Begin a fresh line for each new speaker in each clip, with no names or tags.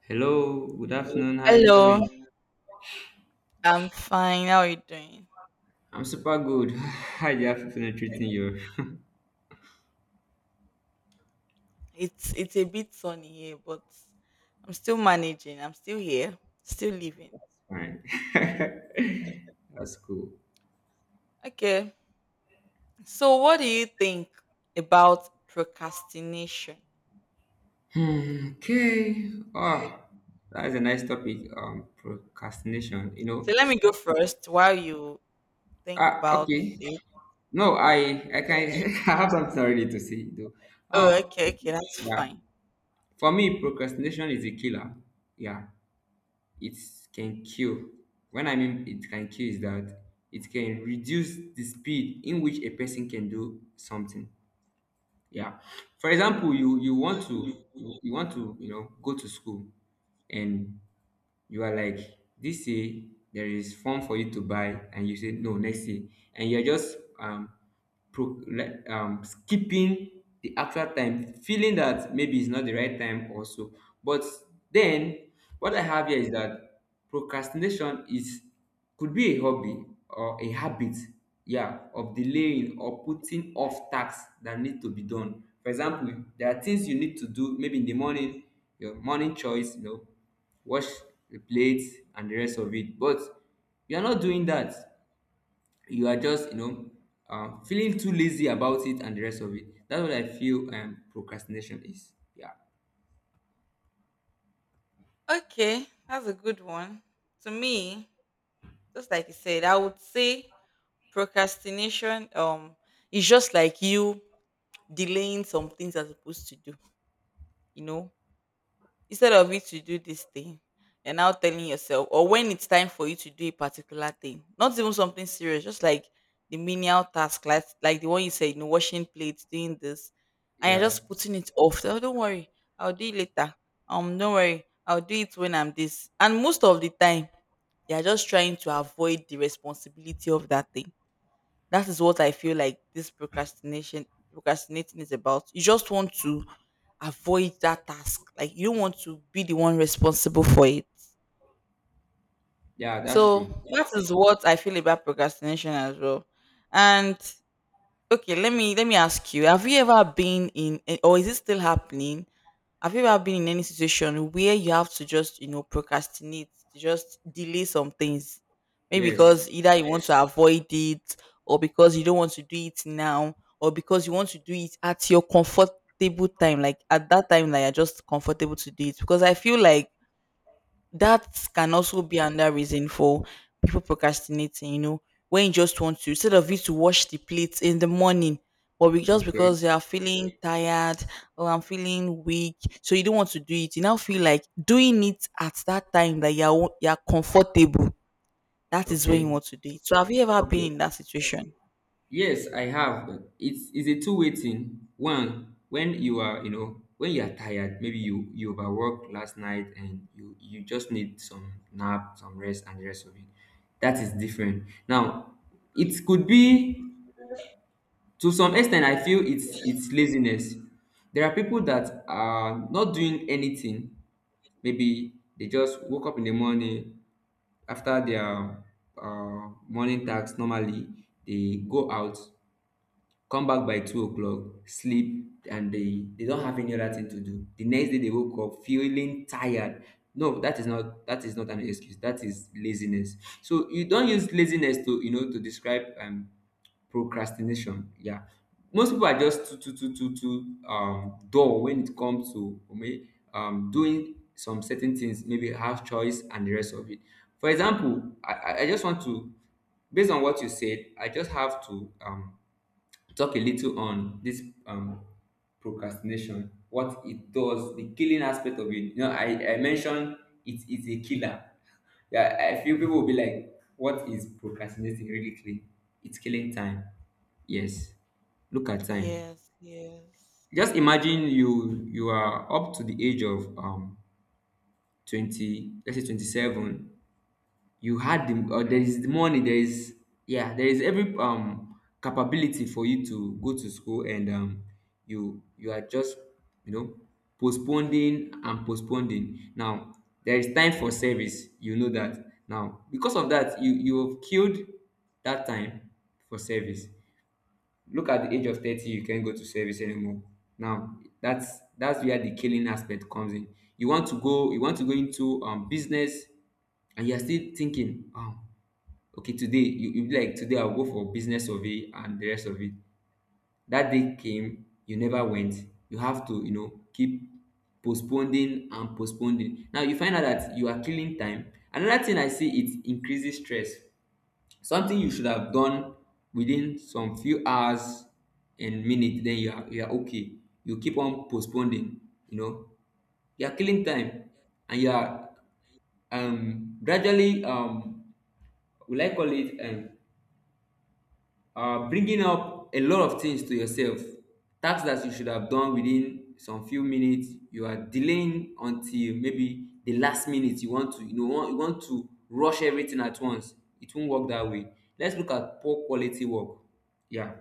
Hello, good afternoon. How you doing?
Hello, I'm fine. How are you doing?
I'm super good. How you afternoon treating you?
It's a bit sunny here, but I'm still managing. I'm still here, still living.
Fine. That's cool.
Okay. So, what do you think about procrastination?
Hmm, okay. Oh, that's a nice topic. Procrastination. You know.
So, let me go first while you think
Ah,
about
okay.
it.
No, I can. I have something already to say though.
Oh,
Um,
okay, okay, that's
yeah.
fine.
For me, procrastination is a killer. Yeah. It can kill. When I mean it can kill, is that it can reduce the speed in which a person can do something. Yeah. For example, you want to you want to you know go to school, and you are like this year there is form for you to buy, and you say no, next year. And you're just like skipping the actual time, feeling that maybe it's not the right time also. But then what I have here is that procrastination is, could be a hobby or a habit, yeah, of delaying or putting off tasks that need to be done. For example, there are things you need to do maybe in the morning, your morning choice, you know, wash the plates and the rest of it. But you're not doing that, you are just, you know, feeling too lazy about it and the rest of it. That's what I feel procrastination is, yeah,
Okay, that's a good one. To me, just like you said, I would say procrastination is just like you delaying some things you're supposed to do, you know, instead of you to do this thing, you're now telling yourself, or when it's time for you to do a particular thing, not even something serious, just like the menial task, like the one you said, you know, washing plates, doing this, and you're
yeah,
just putting it off. Oh, don't worry, I'll do it later. Don't worry, I'll do it when I'm this. And most of the time, you're just trying to avoid the responsibility of that thing that is what I feel like this procrastination procrastinating is about. You just want to avoid that task. Like you don't want to be the one responsible for it.
yeah, that's
So
true.
that is what I feel about procrastination as well. And okay, let me ask you: have you ever been in, eh, or is it still happening? Have you ever been in any situation where you have to just, you know, procrastinate, to just delay some things? Maybe
Yes,
because either you want to avoid it, or because you don't want to do it now, or because you want to do it at your comfortable time, like at that time that you're just comfortable to do it. Because I feel like that can also be another reason for people procrastinating, you know, when you just want to, instead of you to wash the plates in the morning, but we just
okay,
because you are feeling tired or I'm feeling weak, so you don't want to do it. You now feel like doing it at that time that you're comfortable. That is when
okay,
you want to do it. So have you ever
okay.
been in that situation?
Yes, I have. It's a two-way thing. One, when you are you know when you are tired, maybe you you overworked last night and you just need some nap, some rest and the rest of it, that is different. Now it could be, to some extent, I feel it's laziness. There are people that are not doing anything. Maybe they just woke up in the morning after their morning task. Normally they go out, come back by 2 o'clock, sleep, and they don't have any other thing to do. The next day they woke up feeling tired. No, that is not, that is not an excuse, that is laziness. So you don't use laziness to you know to describe procrastination, yeah. Most people are just too dull when it comes to doing some certain things, maybe house choice and the rest of it. For example, I just want to, based on what you said, I just have to talk a little on this, procrastination, what it does, the killing aspect of it. You know, I mentioned it is a killer. Yeah, I feel people will be like, what is procrastinating really clean? It's killing time. Yes. Look at time.
Yes, yes,
Just imagine you are up to the age of 20, let's say 27. You had the, or there is the money, there is, yeah, there is every capability for you to go to school, and you are just, you know, postponing and postponing. Now there is time for service, you know, that now because of that you have killed that time for service. Look at the age of 30, you can't go to service anymore. Now that's where the killing aspect comes in. You want to go, you want to go into business, and you're still thinking, "Oh, okay today you, you be like today I'll go for business survey and the rest of it. That day came, you never went. You have to you know keep postponing and postponing. Now you find out that you are killing time. Another thing I see, it increases stress. Something you should have done within some few hours and minutes, then you are, you are okay, you keep on postponing, you know, you are killing time, and you are gradually, will I call it bringing up a lot of things to yourself. Tasks that you should have done within some few minutes, you are delaying until maybe the last minute, you want to you know you want to rush everything at once. It won't work that way. Let's look at poor quality work, yeah.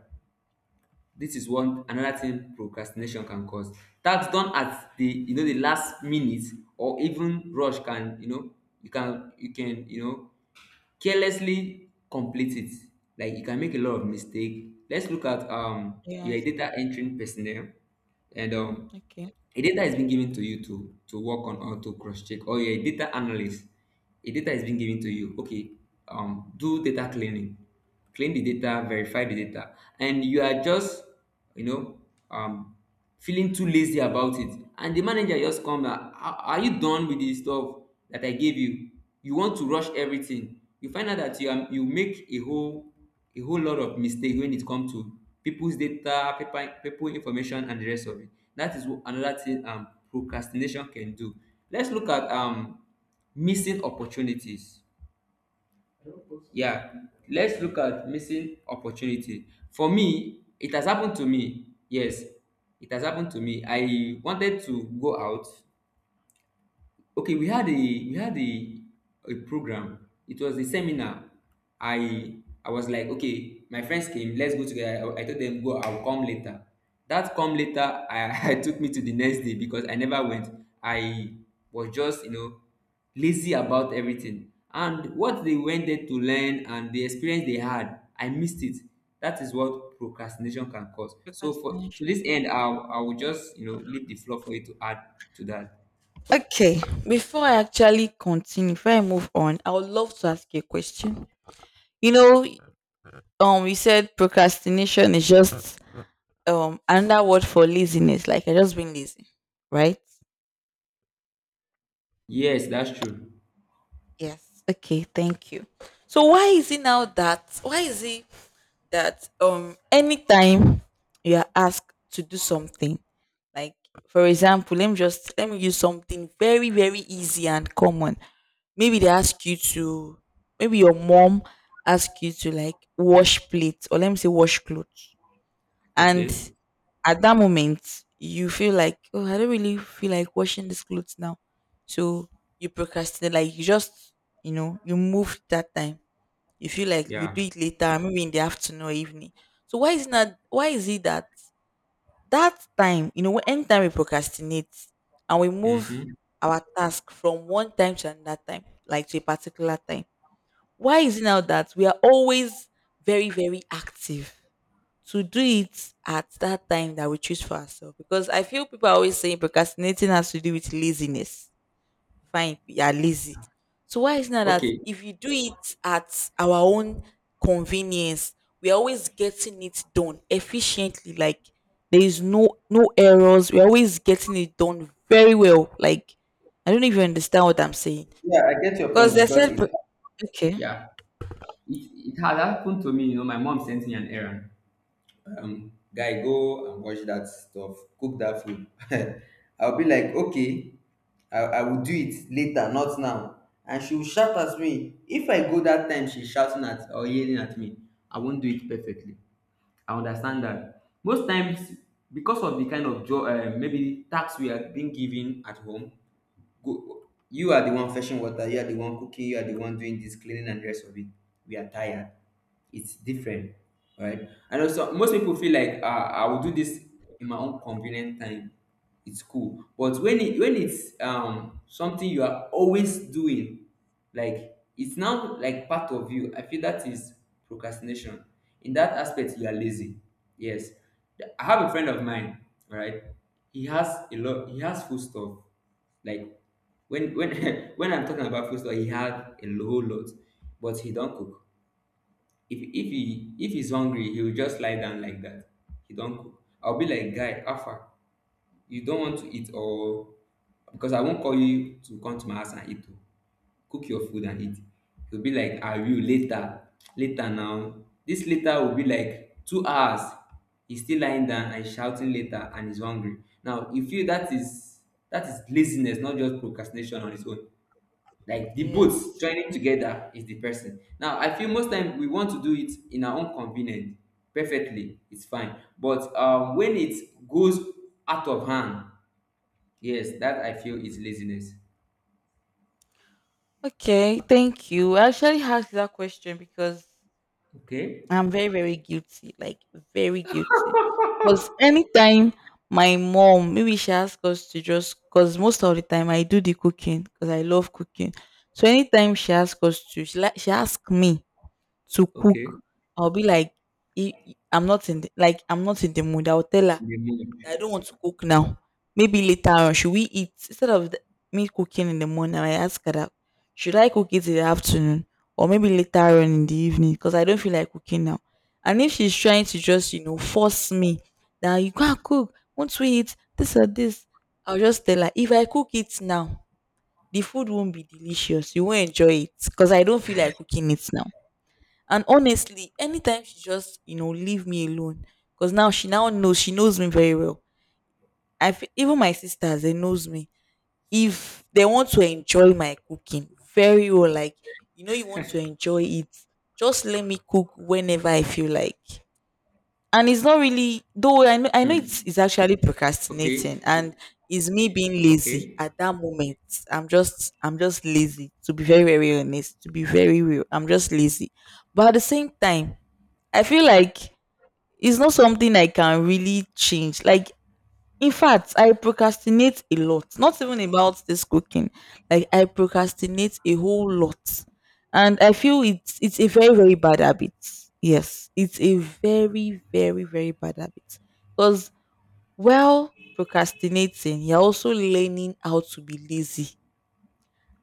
This is one another thing procrastination can cause. Tasks done at the, you know, the last minute, or even rush, can, you know, you can, you can, you know, carelessly complete it. Like, you can make a lot of mistake. Let's look at your
yes.
data entering personnel, and
Okay.
a data is being given to you to work on or to cross check. Or you're a data analyst. A data is being given to you. Okay, do data cleaning, clean the data, verify the data, and you are just, you know, um, feeling too lazy about it. And the manager just come, "Ah, ah, are you done with the stuff that I gave you? You want to rush everything. You find out that you are, you make a whole, a whole lot of mistake when it come to peoples data, people information and the rest of it. That is another thing procrastination can do. Let's look at missing opportunities, yeah. Let's look at missing opportunity. For me, it has happened to me. Yes, it has happened to me. I wanted to go out. Okay, we had a, we had a program. It was a seminar. I I was like, okay, my friends came, let's go together. I told them go, I'll come later. That come later, I, I took me to the next day because I never went. I was just you know lazy about everything. And what they went there to learn and the experience they had, I missed it. That is what procrastination can cause. So for to this
Procrastination.
end, I will just you know leave the floor for you to add to that.
Okay, before I actually continue, before I move on, I would love to ask you a question. You know, we said procrastination is just another word for laziness. Like I just been lazy, right?
Yes, that's true.
Yes. Okay. Thank you. So why is it now that? Why is it that anytime you are asked to do something, like for example, let me just let me use something very, very easy and common. Maybe they ask you to, maybe your mom asks you to like wash plates, or let me say wash clothes, and
Okay.
at that moment you feel like, oh, I don't really feel like washing these clothes now. So you procrastinate, like you just, you know, you move that time, you feel like you
Yeah.
do it later, maybe in the afternoon or evening. So why is not, why is it that that time, you know, when anytime we procrastinate and we
Mm-hmm.
move our task from one time to another time, like to a particular time, why is it now that we are always very, very active to do it at that time that we choose for ourselves? Because I feel people are always saying procrastinating has to do with laziness. Fine, you are lazy. So why is it not that
Okay.
if you do it at our own convenience, we are always getting it done efficiently. Like there is no errors. We're always getting it done very well. Like I don't even understand what I'm saying.
Yeah, I get your
Because
point
they
because
said
it.
okay.
Yeah. It had happened to me. You know, my mom sent me an errand. Guy, go and wash that stuff. Cook that food. I'll be like, okay, I will do it later, not now. And she will shout at me. If I go that time, she's shouting at or yelling at me, I won't do it perfectly. I understand that. Most times, because of the kind of job, maybe tax we are being given at home, go. You are the one fetching water, you are the one cooking, you are the one doing dis cleaning and the rest of it, we are tired. It's different, right. And also most people feel like, I will do this in my own convenient time. It's cool. But when it, when it's something you are always doing, like it's now like part of you, I feel that is procrastination. In that aspect, you are lazy, yes. I have a friend of mine, all right. He has a lot, he has food stuff. Like, when when I'm talking about food stuff, he had a whole lot, but he don't cook. If he, if he's hungry, he will just lie down like that. He don cook. I will be like, guy, how far, you don want to eat, or because I won't call you to come to my house and eat o. Cook your food and eat. He will be like, ah, you later. Later now, this later will be like 2 hours, he's still lying down and shouting later, and he's hungry. Now you feel that is, that is laziness, not just procrastination on its own, like the both
Yes.
joining together is the person. Now I feel most time we want to do it in our own convenience perfectly, it's fine. But when it goes out of hand, yes, that I feel is laziness.
Okay, thank you. I actually asked that question because
Okay,
I'm very, very guilty, like very guilty. Because anytime my mom, maybe she asks us to just, because most of the time I do the cooking because I love cooking. So anytime she asks us to, she, like she asks me to
okay,
cook, I'll be like, I'm not in the, like I'm not in the mood." I'll tell her
in the moment.
I don't want to cook now. Maybe later on, should we eat instead of the, me cooking in the morning? I ask her that, should I cook it in the afternoon or maybe later on in the evening, because I don't feel like cooking now. And if she's trying to just, you know, force me that you can't cook, won't we eat this or this? I'll just tell her, if I cook it now, the food won't be delicious. You won't enjoy it because I don't feel like cooking it now. And honestly, anytime she just, you know, leave me alone, because now she now knows, she knows me very well. I feel even my sisters, they knows me. If they want to enjoy my cooking very well, like, you know, you want to enjoy it, just let me cook whenever I feel like. And it's not really though, I know, I know
Hmm.
it's actually
Okay
procrastinating and it's me being lazy
okay.
at that moment. I'm just lazy, to be very, very honest, to be very real. I'm just lazy. But at the same time, I feel like it's not something I can really change. Like in fact, I procrastinate a lot. Not even about this cooking. Like I procrastinate a whole lot. And I feel it's a very, very bad habit. Yes. It's a very, very, very bad habit. Because while procrastinating, you're also learning how to be lazy.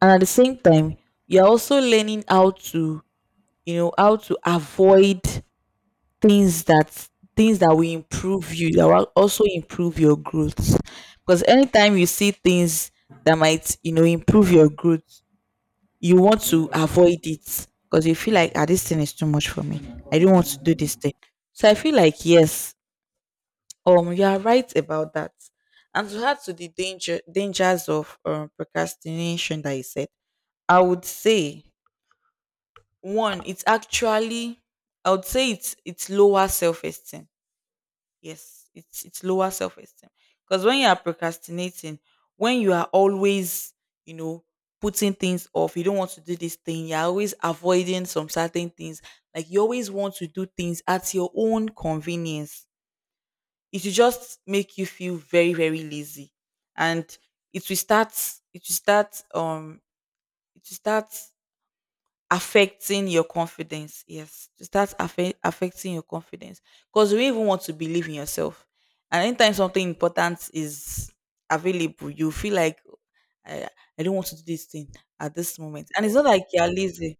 And at the same time, you're also learning how to, you know, how to avoid things that, things that will improve you, that will also improve your growth, because anytime you see things that might, you know, improve your growth, you want to avoid it because you feel like, ah, this thing
Ah,
is too much for me, I don't want to do this thing. So I feel like, yes, you are right about that. And to add to the dangers of procrastination that you said, I would say one, it's actually, I would say it's lower self esteem. Yes, it's lower self-esteem. Because when you are procrastinating, when you are always, you know, putting things off, you don't want to do this thing, you're always avoiding some certain things. Like you always want to do things at your own convenience. It will just make you feel very, very lazy. And it will start it will start it will start affecting your confidence. Yes, to start affecting your confidence because you even want to believe in yourself. And anytime something important is available, you feel like I, I don't want to do this thing at this moment. And it's not like you're lazy.